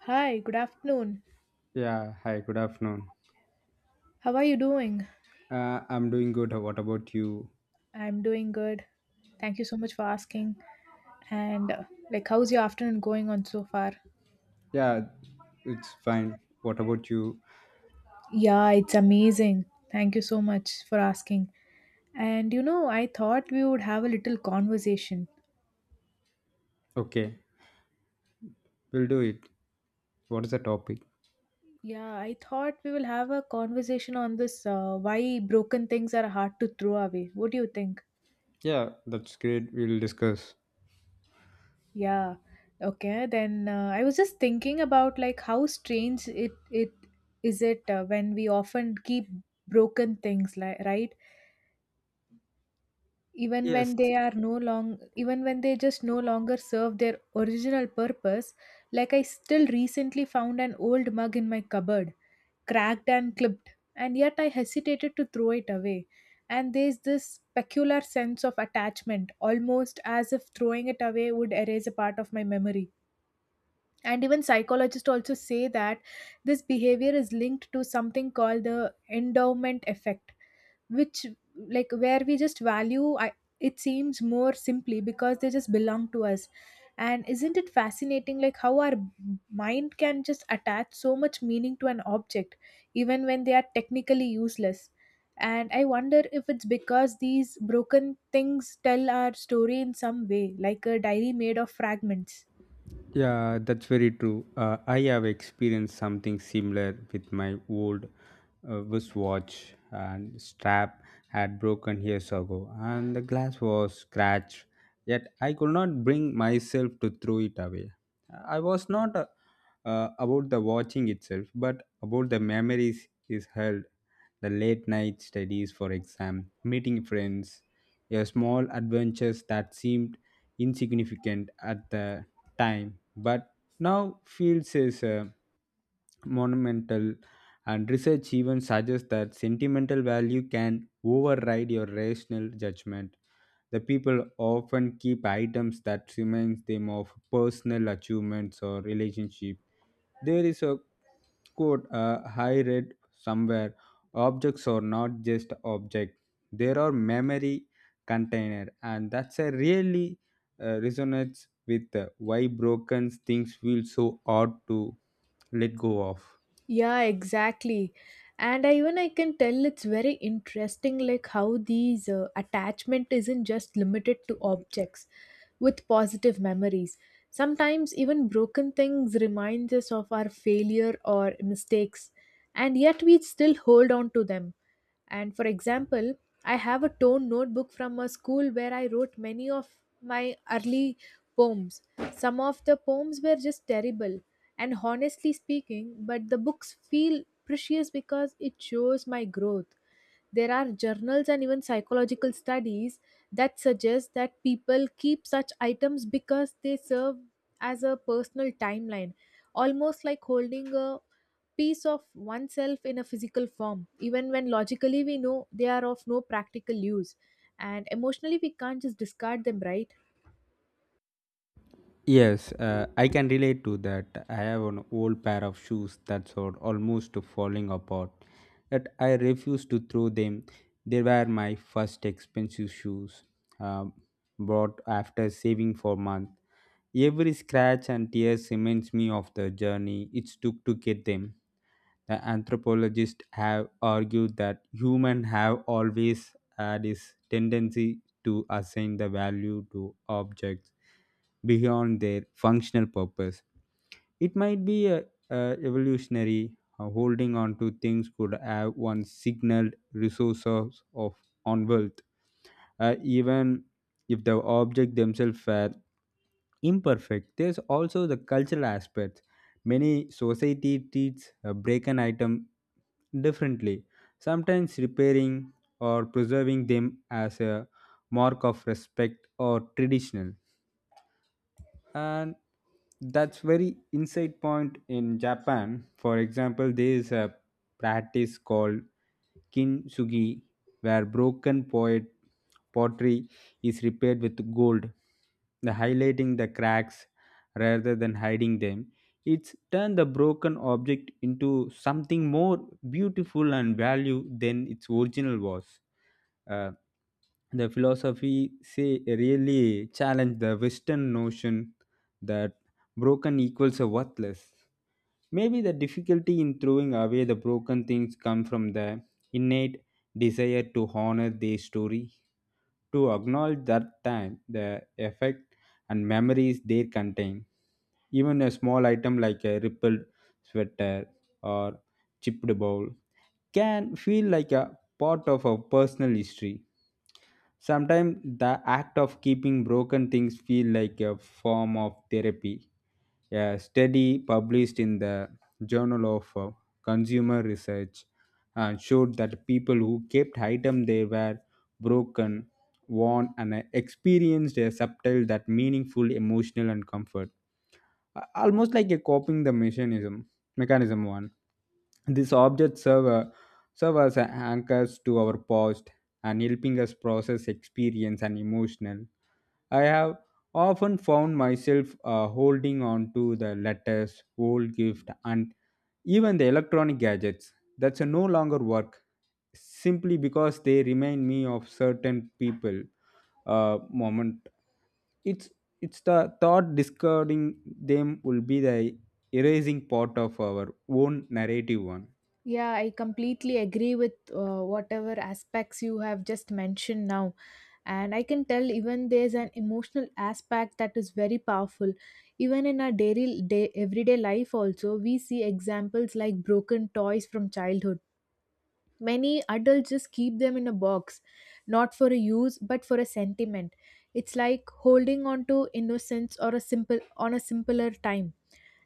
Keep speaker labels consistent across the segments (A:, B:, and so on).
A: Hi, good afternoon.
B: Yeah, hi, good afternoon.
A: How are you doing?
B: I'm doing good. What about you?
A: I'm doing good. Thank you so much for asking. And like how's your afternoon going on so far?
B: Yeah, it's fine. What about you?
A: Yeah, it's amazing. Thank you so much for asking. And you know, I thought we would have a little conversation.
B: Okay, we'll do it. What is the topic?
A: Yeah, I thought we will have a conversation on this why broken things are hard to throw away. What do you think?
B: Yeah, that's great. We'll discuss.
A: Yeah. Okay. Then I was just thinking about like how strange it it is it when we often keep broken things, like, right, even
B: Yes.
A: when they are no long even when they just no longer serve their original purpose. Like, I still recently found an old mug in my cupboard, cracked and clipped, and yet I hesitated to throw it away. And there's this peculiar sense of attachment, almost as if throwing it away would erase a part of my memory. And even psychologists also say that this behavior is linked to something called the endowment effect, which, like, where we just value it seems, more simply because they just belong to us. And isn't it fascinating like how our mind can just attach so much meaning to an object even when they are technically useless. And I wonder if it's because these broken things tell our story in some way, like a diary made of fragments.
B: Yeah, that's very true. I have experienced something similar with my old wristwatch and strap had broken years ago and the glass was scratched. Yet I could not bring myself to throw it away. I was not about the watching itself, but about the memories is held. The late night studies for exam, meeting friends, your small adventures that seemed insignificant at the time, but now feels is monumental. And research even suggests that sentimental value can override your rational judgment. The people often keep items that reminds them of personal achievements or relationship. There is a quote I read somewhere, objects are not just object, there are memory container, and that's a really resonates with why broken things feel so hard to let go of.
A: Yeah, exactly. And even I can tell it's very interesting, like how these attachment isn't just limited to objects with positive memories. Sometimes even broken things remind us of our failure or mistakes, and yet we still hold on to them. And, for example, I have a tone notebook from a school where I wrote many of my early poems. Some of the poems were just terrible, and honestly speaking, but the books feel precious because it shows my growth. There are journals and even psychological studies that suggest that people keep such items because they serve as a personal timeline, almost like holding a piece of oneself in a physical form, even when logically we know they are of no practical use. And emotionally, we can't just discard them, right?
B: Yes, I can relate to that. I have an old pair of shoes that's almost falling apart, that I refuse to throw them. They were my first expensive shoes, uh, bought after saving for months. Every scratch and tear reminds me of the journey it took to get them. The anthropologists have argued that humans have always had this tendency to assign the value to objects beyond their functional purpose. It might be a evolutionary, holding on to things could have once signaled resources of on wealth, even if the object themselves were imperfect. There's also the cultural aspect. Many society treats a broken item differently, sometimes repairing or preserving them as a mark of respect or traditional. And that's very insight point. In Japan, for example, there is a practice called kintsugi, where broken poet pottery is repaired with gold, the highlighting the cracks rather than hiding them. It's turned the broken object into something more beautiful and value than its original was. Uh, the philosophy say really challenge the Western notion that broken equals a worthless. Maybe the difficulty in throwing away the broken things come from the innate desire to honor their story, to acknowledge that time the effect and memories they contain. Even a small item like a rippled sweater or chipped bowl can feel like a part of a personal history. Sometimes the act of keeping broken things feel like a form of therapy. A study published in the Journal of Consumer Research showed that people who kept items they were broken, worn, and experienced a subtle that meaningful emotional and comfort, almost like a coping the mechanism one. These objects serve as anchors to our past and helping us process experience and emotional. I have often found myself holding on to the letters, old gift, and even the electronic gadgets that's no longer work, simply because they remind me of certain people moment. It's it's the thought discarding them will be the erasing part of our own narrative one.
A: Yeah, I completely agree with whatever aspects you have just mentioned now. And I can tell even there's an emotional aspect that is very powerful. Even in our daily day, everyday life also, we see examples like broken toys from childhood. Many adults just keep them in a box, not for a use, but for a sentiment. It's like holding on to innocence or a simpler time.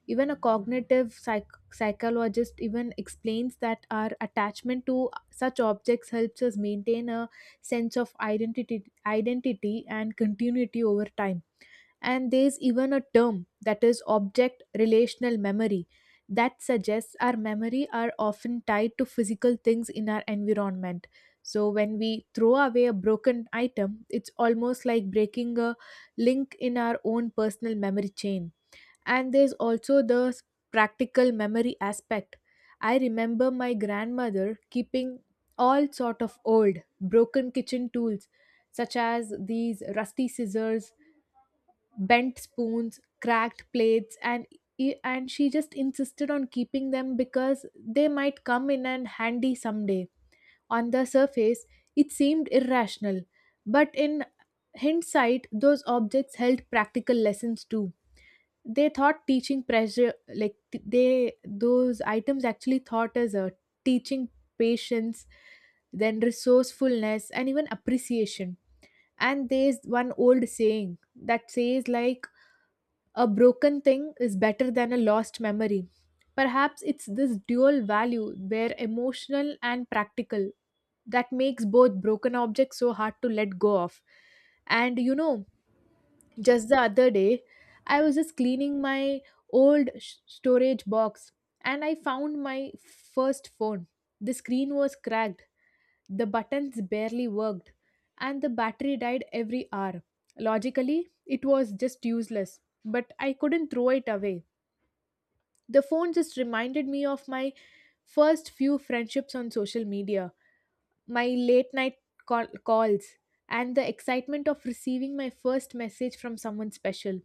A: Even a cognitive psychologist even explains that our attachment to such objects helps us maintain a sense of identity and continuity over time. And there's even a term that is object relational memory that suggests our memory are often tied to physical things in our environment. So when we throw away a broken item, it's almost like breaking a link in our own personal memory chain. And there's also practical memory aspect. I remember my grandmother keeping all sort of old, broken kitchen tools, such as these rusty scissors, bent spoons, cracked plates, and she just insisted on keeping them because they might come in and handy someday. On the surface, it seemed irrational, but in hindsight, those objects held practical lessons too. They thought teaching pressure, like they those items actually thought as a teaching patience, then resourcefulness and even appreciation. And there's one old saying that says like, a broken thing is better than a lost memory. Perhaps it's this dual value, where emotional and practical, that makes both broken objects so hard to let go of. And, you know, just the other day, I was just cleaning my old storage box and I found my first phone. The screen was cracked, the buttons barely worked, and the battery died every hour. Logically, it was just useless, but I couldn't throw it away. The phone just reminded me of my first few friendships on social media, my late night calls, and the excitement of receiving my first message from someone special.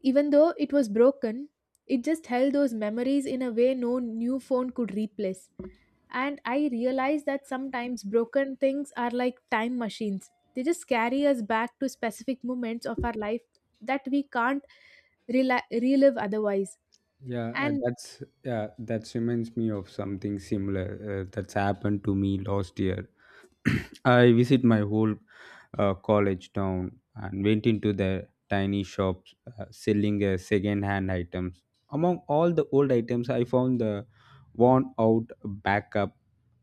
A: Even though it was broken, it just held those memories in a way no new phone could replace. And I realized that sometimes broken things are like time machines. They just carry us back to specific moments of our life that we can't rela relive otherwise.
B: Yeah,
A: And
B: that reminds me of something similar, that's happened to me last year. I visit my whole college town and went into the tiny shops, selling second-hand items. Among all the old items, I found the worn-out backup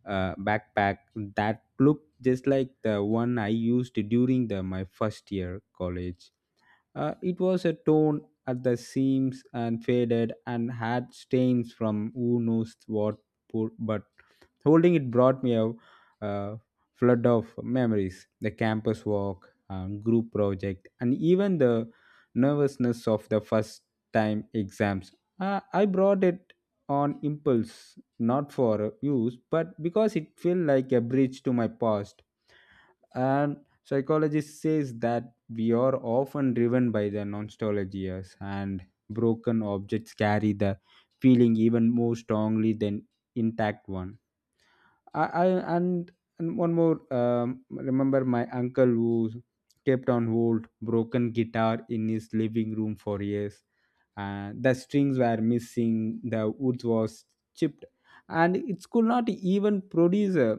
B: backpack that looked just like the one I used during the my first year college. It was a torn at the seams and faded and had stains from who knows what, poor, but holding it brought me a, uh, flood of memories, the campus walk, group project, and even the nervousness of the first time exams. I brought it on impulse, not for use, but because it felt like a bridge to my past. And psychologist says that we are often driven by the nostalgias, and broken objects carry the feeling even more strongly than intact one. I and, and one more, remember my uncle who kept on hold broken guitar in his living room for years, and the strings were missing, the wood was chipped, and it could not even produce a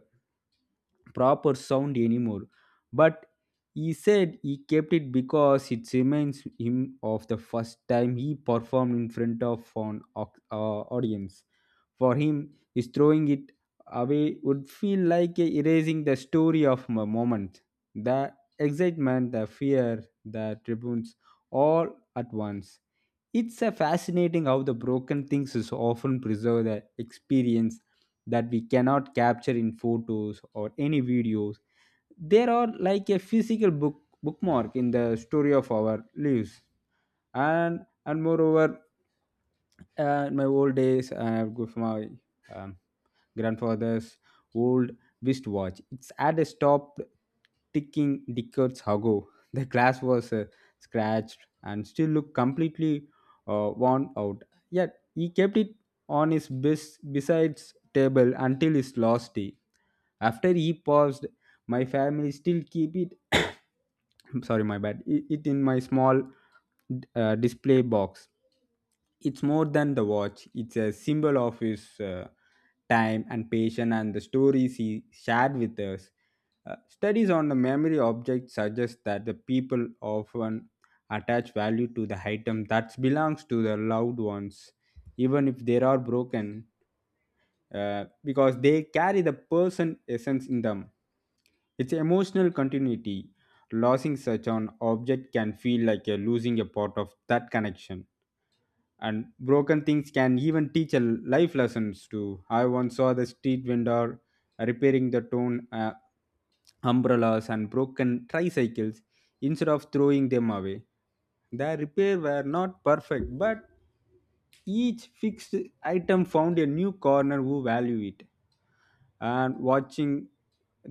B: proper sound anymore, but he said he kept it because it reminds him of the first time he performed in front of an audience. For him, his throwing it away would feel like erasing the story of a moment. The excitement, the fear, the tribunes, all at once. It's a fascinating how the broken things is often preserve the experience that we cannot capture in photos or any videos. They are like a physical bookmark in the story of our lives. And and moreover, in my old days I would go for my um, grandfather's old wristwatch. It's had a stop, ticking decades ago. The glass was scratched and still looked completely worn out, yet he kept it on his besides table until his last day. After he passed, my family still keep it. I'm sorry, my bad, it in my small display box. It's more than the watch, it's a symbol of his time and patience and the stories he shared with us. Studies on the memory object suggest that the people often attach value to the item that belongs to the loved ones, even if they are broken, uh, because they carry the person essence in them. It's emotional continuity. Losing such an object can feel like a losing a part of that connection. And broken things can even teach a life lessons too. I once saw the street vendor repairing the torn umbrellas and broken tricycles instead of throwing them away. Their repair were not perfect, but each fixed item found a new corner who value it. And watching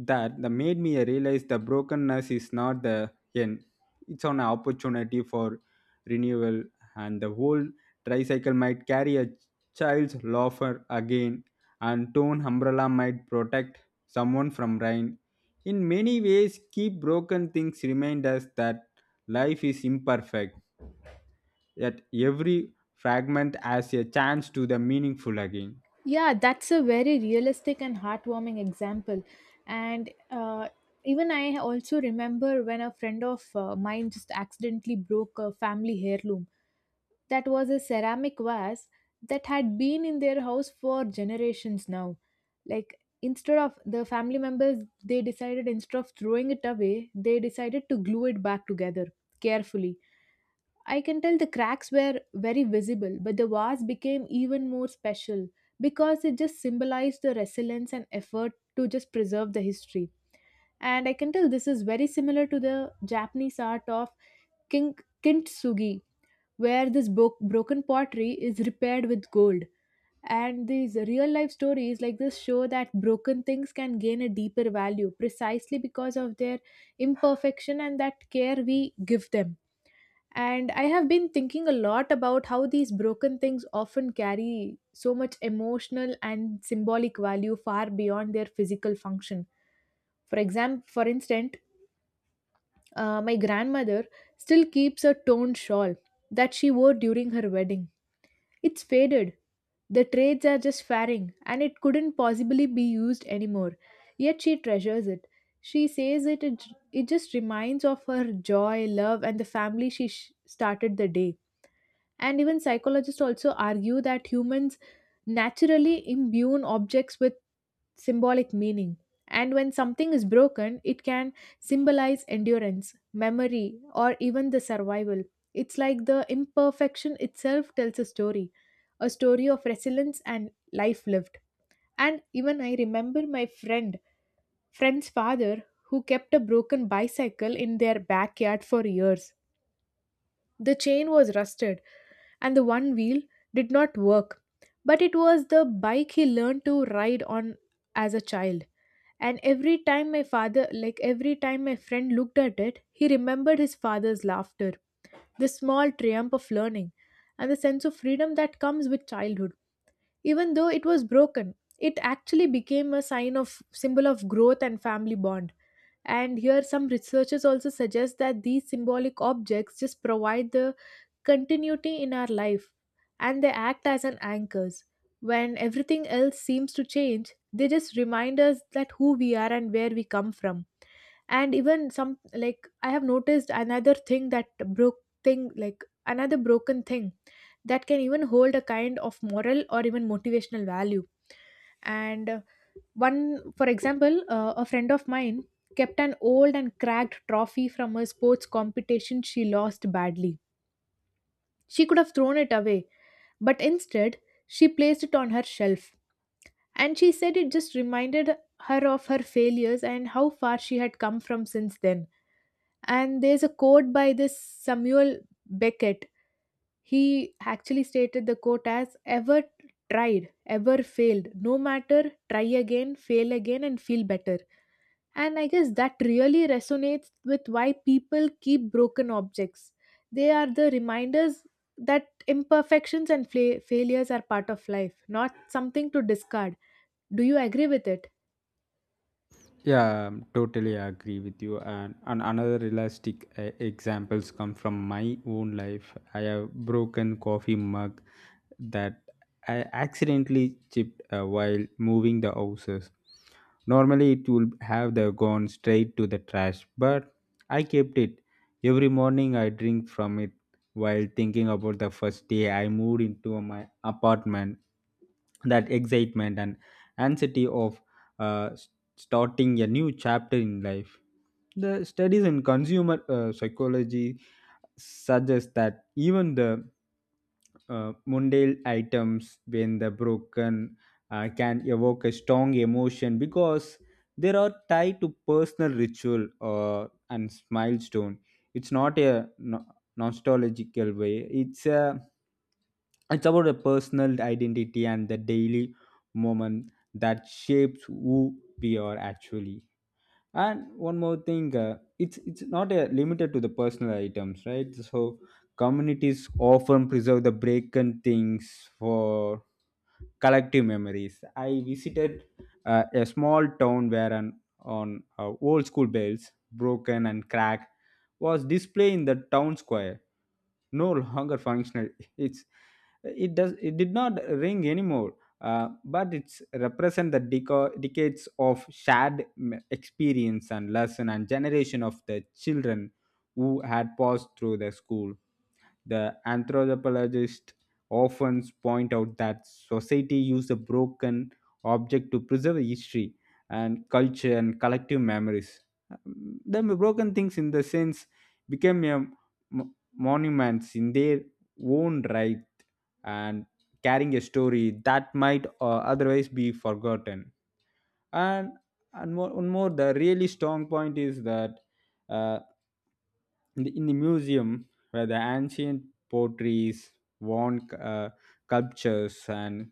B: that made me realize the brokenness is not the end, it's an opportunity for renewal. And the whole tricycle might carry a child's laughter again, and torn umbrella might protect someone from rain. In many ways, keep broken things remind us that life is imperfect, yet every fragment has a chance to the meaningful again.
A: yeah, that's a very realistic and heartwarming example. And even I also remember when a friend of mine just accidentally broke a family heirloom. That was a ceramic vase that had been in their house for generations now. Like, instead of the family members, they decided, instead of throwing it away, they decided to glue it back together carefully. I can tell the cracks were very visible, but the vase became even more special because it just symbolized the resilience and effort to just preserve the history. And I can tell this is very similar to the Japanese art of kin- kintsugi, where this broken pottery is repaired with gold. And these real life stories like this show that broken things can gain a deeper value precisely because of their imperfection and that care we give them. And I have been thinking a lot about how these broken things often carry so much emotional and symbolic value far beyond their physical function. For instance, my grandmother still keeps a torn shawl that she wore during her wedding. It's faded. The trades are just faring, and it couldn't possibly be used anymore. Yet she treasures it. She says it just reminds of her joy, love, and the family she started the day. And even psychologists also argue that humans naturally imbue objects with symbolic meaning. And when something is broken, it can symbolize endurance, memory, or even the survival. It's like the imperfection itself tells a story of resilience and life lived. And even I remember friend's father, who kept a broken bicycle in their backyard for years. The chain was rusted, and the one wheel did not work, but it was the bike he learned to ride on as a child. And every time my friend looked at it, he remembered his father's laughter, the small triumph of learning, and the sense of freedom that comes with childhood. Even though it was broken, it actually became a sign of symbol of growth and family bond. And here, some researchers also suggest that these symbolic objects just provide the continuity in our life and they act as an anchors. When everything else seems to change, they just remind us that who we are and where we come from. And even some, like, I have noticed another thing that broke thing like another broken thing that can even hold a kind of moral or even motivational value. And for example, a friend of mine kept an old and cracked trophy from a sports competition she lost badly. She could have thrown it away, but instead, she placed it on her shelf. And she said it just reminded her of her failures and how far she had come from since then. And there's a quote by this Samuel Beckett. He actually stated the quote as ever tried, ever failed, no matter, try again, fail again, and feel better. And I guess that really resonates with why people keep broken objects. They are the reminders that imperfections and failures are part of life, not something to discard. Do you agree with it?
B: Yeah, totally agree with you. And another realistic examples come from my own life. I have broken coffee mug that I accidentally chipped while moving the houses. Normally, it would have the gone straight to the trash, but I kept it. Every morning, I drink from it while thinking about the first day I moved into my apartment, that excitement and anxiety of uh, starting a new chapter in life. The studies in consumer psychology suggest that even the mundane items, when the broken, can evoke a strong emotion because they are tied to personal ritual or and milestone. It's not a nostalgical way. It's about a personal identity and the daily moment that shapes who we are actually. And one more thing, it's not limited to the personal items, right? So communities often preserve the broken things for collective memories. I visited a small town where an on old school bells broken and cracked was displayed in the town square, no longer functional. it's it does it did not ring anymore, but it's represent the decades of shared experience and lesson and generation of the children who had passed through the school. The anthropologists often point out that society used a broken object to preserve history and culture and collective memories. The broken things, in the sense, became a monuments in their own right, and carrying a story that might otherwise be forgotten. And and more, one more the really strong point is that, uh, in the museum where the ancient potteries, worn sculptures, and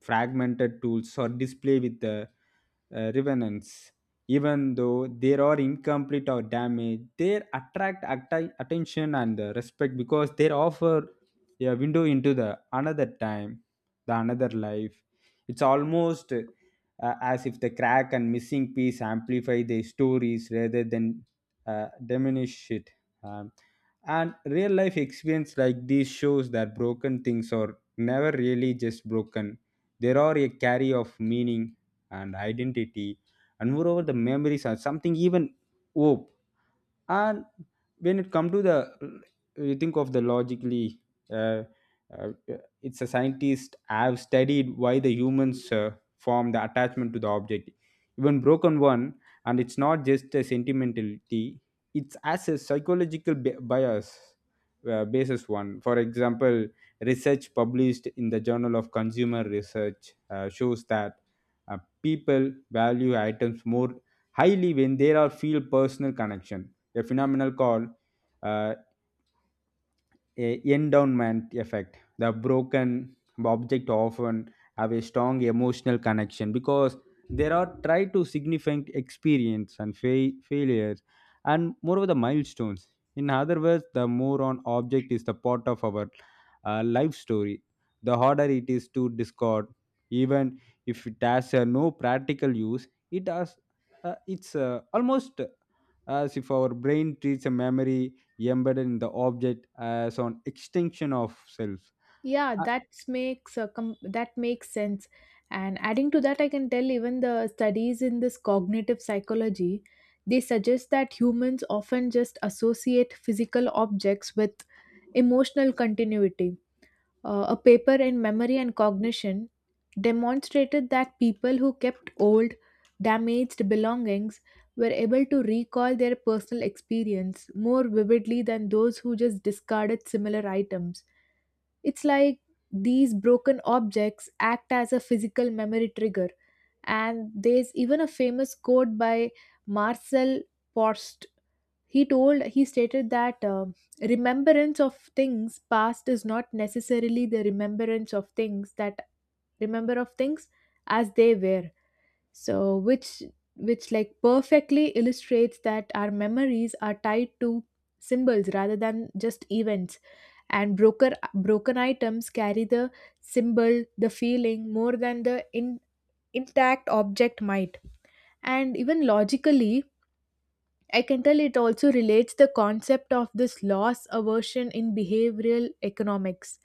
B: fragmented tools are displayed with the revenants. Even though they are incomplete or damaged, they attract attention and respect because they offer a window into the another time, the another life. It's almost as if the crack and missing piece amplify their stories rather than diminish it. Um, and real life experience like this shows that broken things are never really just broken. They are a carry of meaning and identity, and moreover, the memories are something, even hope. And when it come to the, you think of the logically, uh, uh, it's a scientist have studied why the humans form the attachment to the object, even broken one. And it's not just a sentimentality, it's as a psychological bias basis one. For example, research published in the Journal of Consumer Research shows that people value items more highly when there are feel personal connection, a phenomenon called uh, a endowment effect. The broken object often have a strong emotional connection because there are try to significant experience and failures and moreover the milestones. In other words, the more on object is the part of our life story, the harder it is to discard. Even if it has no practical use, it has it's almost as if our brain treats a memory embedded in the object as an extension of self.
A: Yeah,
B: Uh,
A: that makes that makes sense. And adding to that, I can tell even the studies in this cognitive psychology, they suggest that humans often just associate physical objects with emotional continuity. A paper in Memory and Cognition demonstrated that people who kept old, damaged belongings were able to recall their personal experience more vividly than those who just discarded similar items. It's like these broken objects act as a physical memory trigger. And there's even a famous quote by Marcel Proust. He stated that remembrance of things past is not necessarily the remembrance of things that remember of things as they were. So which, like, perfectly illustrates that our memories are tied to symbols rather than just events. And broker broken items carry the symbol the feeling more than intact object might. And even logically, I can tell it also relates the concept of this loss aversion in behavioral economics.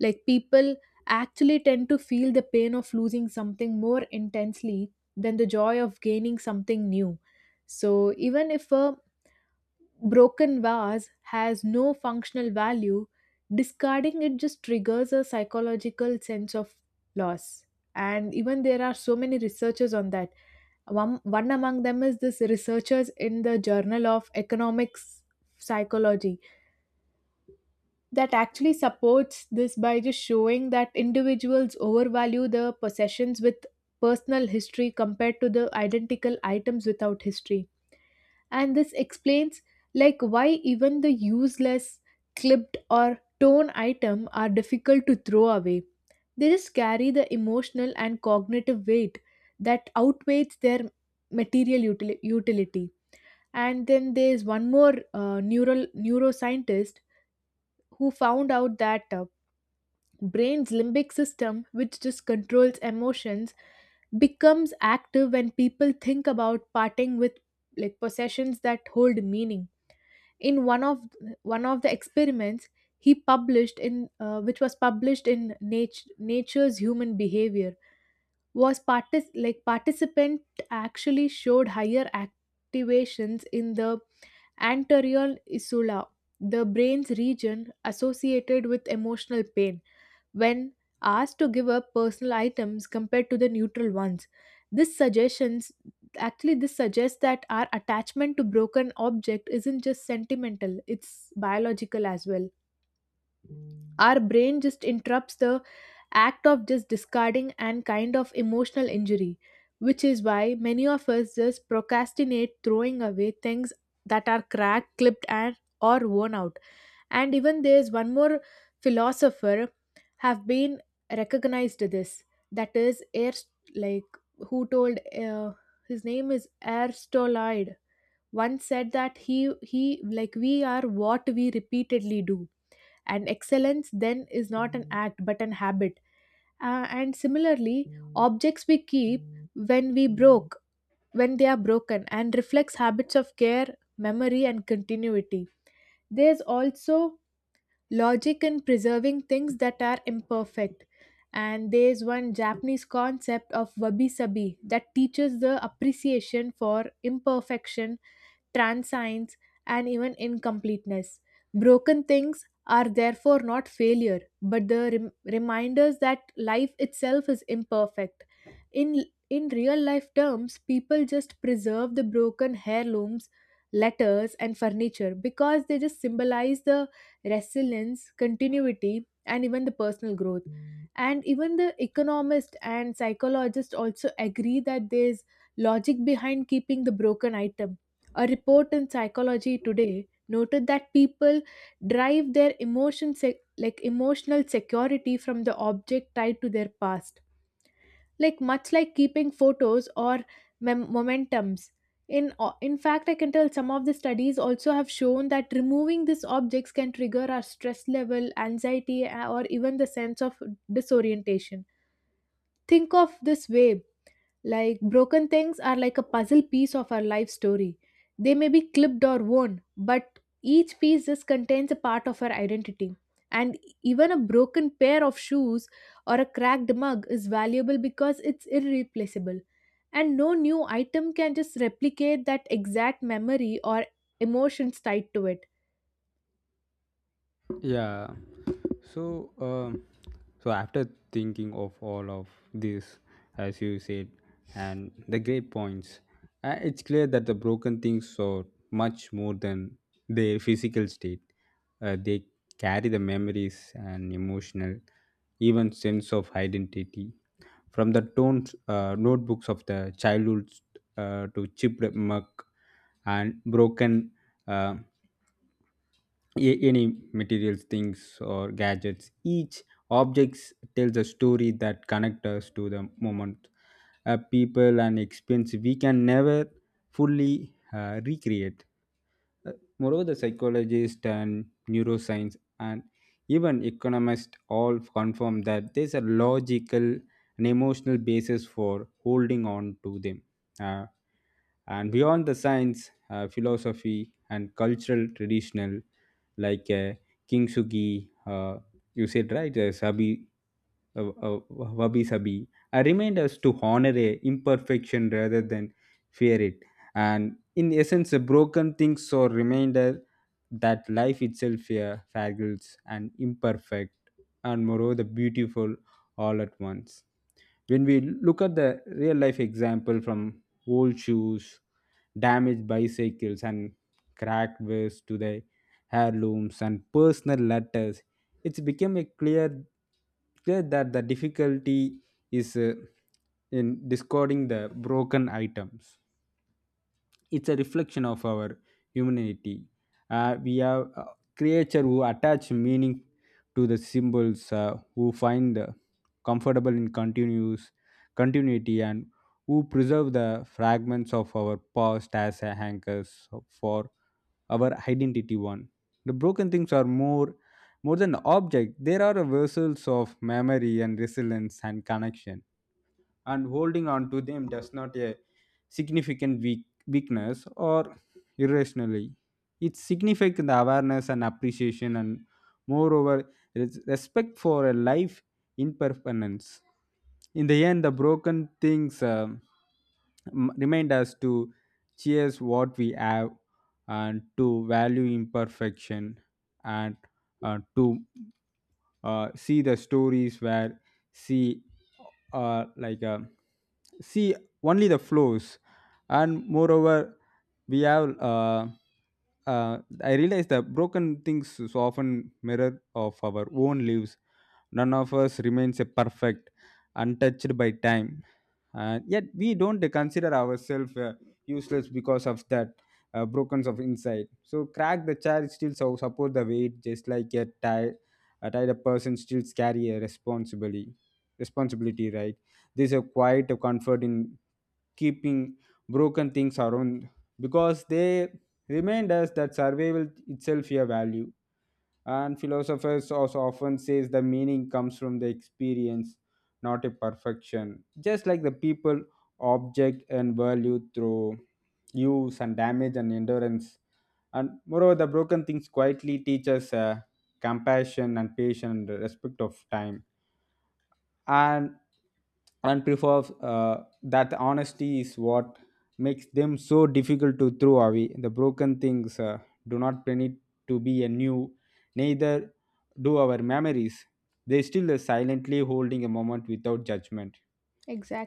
A: Like, people actually tend to feel the pain of losing something more intensely than the joy of gaining something new. So even if a broken vase has no functional value, discarding it just triggers a psychological sense of loss. And even there are so many researchers on that one among them is this researchers in the Journal of Economics Psychology that actually supports this by just showing that individuals overvalue the possessions with personal history compared to the identical items without history, and this explains like why even the useless clipped or torn item are difficult to throw away. They just carry the emotional and cognitive weight that outweighs their utility. And then there's one more neural neuroscientist who found out that brain's limbic system, which just controls emotions, becomes active when people think about parting with like possessions that hold meaning. In one of the experiments he published in which was published in Nature's Human Behavior, was like participant actually showed higher activations in the anterior insula, the brain's region associated with emotional pain, when asked to give up personal items compared to the neutral ones. This suggestions Actually, this suggests that our attachment to broken object isn't just sentimental, it's biological as well. Our brain just interrupts the act of just discarding and kind of emotional injury, which is why many of us just procrastinate throwing away things that are cracked, clipped and or worn out. And even there's one more philosopher have been recognized this, that is air, like who told his name is aristoloid. Once said that he like we are what we repeatedly do, and excellence then is not an act but an habit. And similarly objects we keep when we broke when they are broken and reflects habits of care, memory and continuity. There's also logic in preserving things that are imperfect. And there's one Japanese concept of wabi sabi that teaches the appreciation for imperfection, transience, and even incompleteness. Broken things are therefore not failure, but the reminders that life itself is imperfect. In real life terms, people just preserve the broken heirlooms, letters, and furniture because they just symbolize the resilience, continuity, and even the personal growth. And even the economist and psychologist also agree that there's logic behind keeping the broken item. A report in Psychology Today noted that people derive their like emotional security from the object tied to their past, like much like keeping photos or momentums. In fact, I can tell some of the studies also have shown that removing these objects can trigger our stress level, anxiety, or even the sense of disorientation. Think of this way, like broken things are like a puzzle piece of our life story. They may be clipped or worn, but each piece just contains a part of our identity. And even a broken pair of shoes or a cracked mug is valuable because it's irreplaceable. And no new item can just replicate that exact memory or emotions tied to it.
B: yeah. So, um, so after thinking of all of this, as you said, and the great points, it's clear that the broken things are much more than their physical state. They carry the memories and emotional, even sense of identity. From the tones, notebooks of the childhood to chipped muck and broken uh, any materials, things or gadgets, each objects tells a story that connects us to the moment, people and experience we can never fully recreate. Uh, Moreover, the psychologists and neuroscience and even economists all confirm that there's a logical and emotional basis for holding on to them. Uh, and beyond the science, philosophy, and cultural traditional, like uh, Kintsugi, you said right, Sabi, Wabi Sabi, remind us to honor a imperfection rather than fear it. And in essence a broken things or reminder that life itself, yeah, fragiles and imperfect and moreover beautiful all at once. When we look at the real life example from old shoes, damaged bicycles and cracked vests to the heirlooms and personal letters, it's become a clear that the difficulty is, in discarding the broken items, it's a reflection of our humanity. We are creature who attach meaning to the symbols, who find comfortable in continuous continuity, and who preserve the fragments of our past as a anchors for our identity. One, the broken things are more than object; they are vessels of memory and resilience and connection, and holding on to them does not a significant weakness or irrationally, it's significant awareness and appreciation and moreover respect for a life impermanence. In the end the broken things, remind us to cherish what we have and to value imperfection and to see the stories where see uh, like uh, see only the flows. And moreover we have uh, I realize that broken things so often mirror of our own lives. None of us remains a perfect, untouched by time, and yet we don't consider ourselves useless because of that brokenness of insight. So crack the chair still so support the weight, just like a tired person still carry a responsibility, right? There's a quiet comfort in keeping broken things around because they remind us that survival itself a value. And philosophers also often says the meaning comes from the experience, not a perfection, just like the people object and value through use and damage and endurance. And moreover the broken things quietly teach us compassion and patience and respect of time, and and prefer that honesty is what makes them so difficult to throw away. The broken things do not need to be a new, neither do our memories. They still are silently holding a moment without judgment.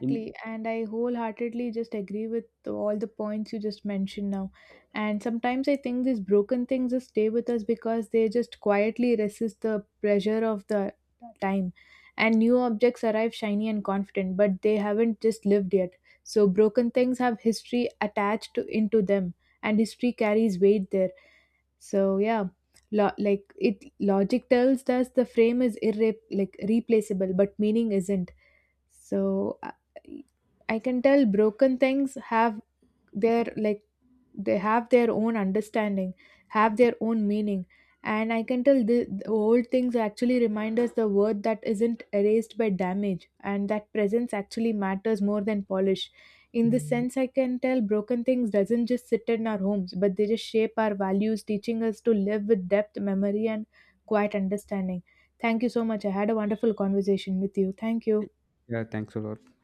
B: In,
A: and I wholeheartedly just agree with all the points you just mentioned now. And sometimes I think these broken things just stay with us because they just quietly resist the pressure of the time. And new objects arrive shiny and confident, but they haven't just lived yet. So broken things have history into them, and history carries weight there. So yeah, lo- like it logic tells us the frame is like replaceable, but meaning isn't. so i I can tell broken things have their like, they have their own understanding, have their own meaning. And I can tell the old things actually remind us the word that isn't erased by damage, and that presence actually matters more than polish. In this sense I can tell broken things doesn't just sit in our homes, but they just shape our values, teaching us to live with depth, memory and quiet understanding. Thank you so much, I had a wonderful conversation with you. Thank you.
B: yeah, thanks a lot.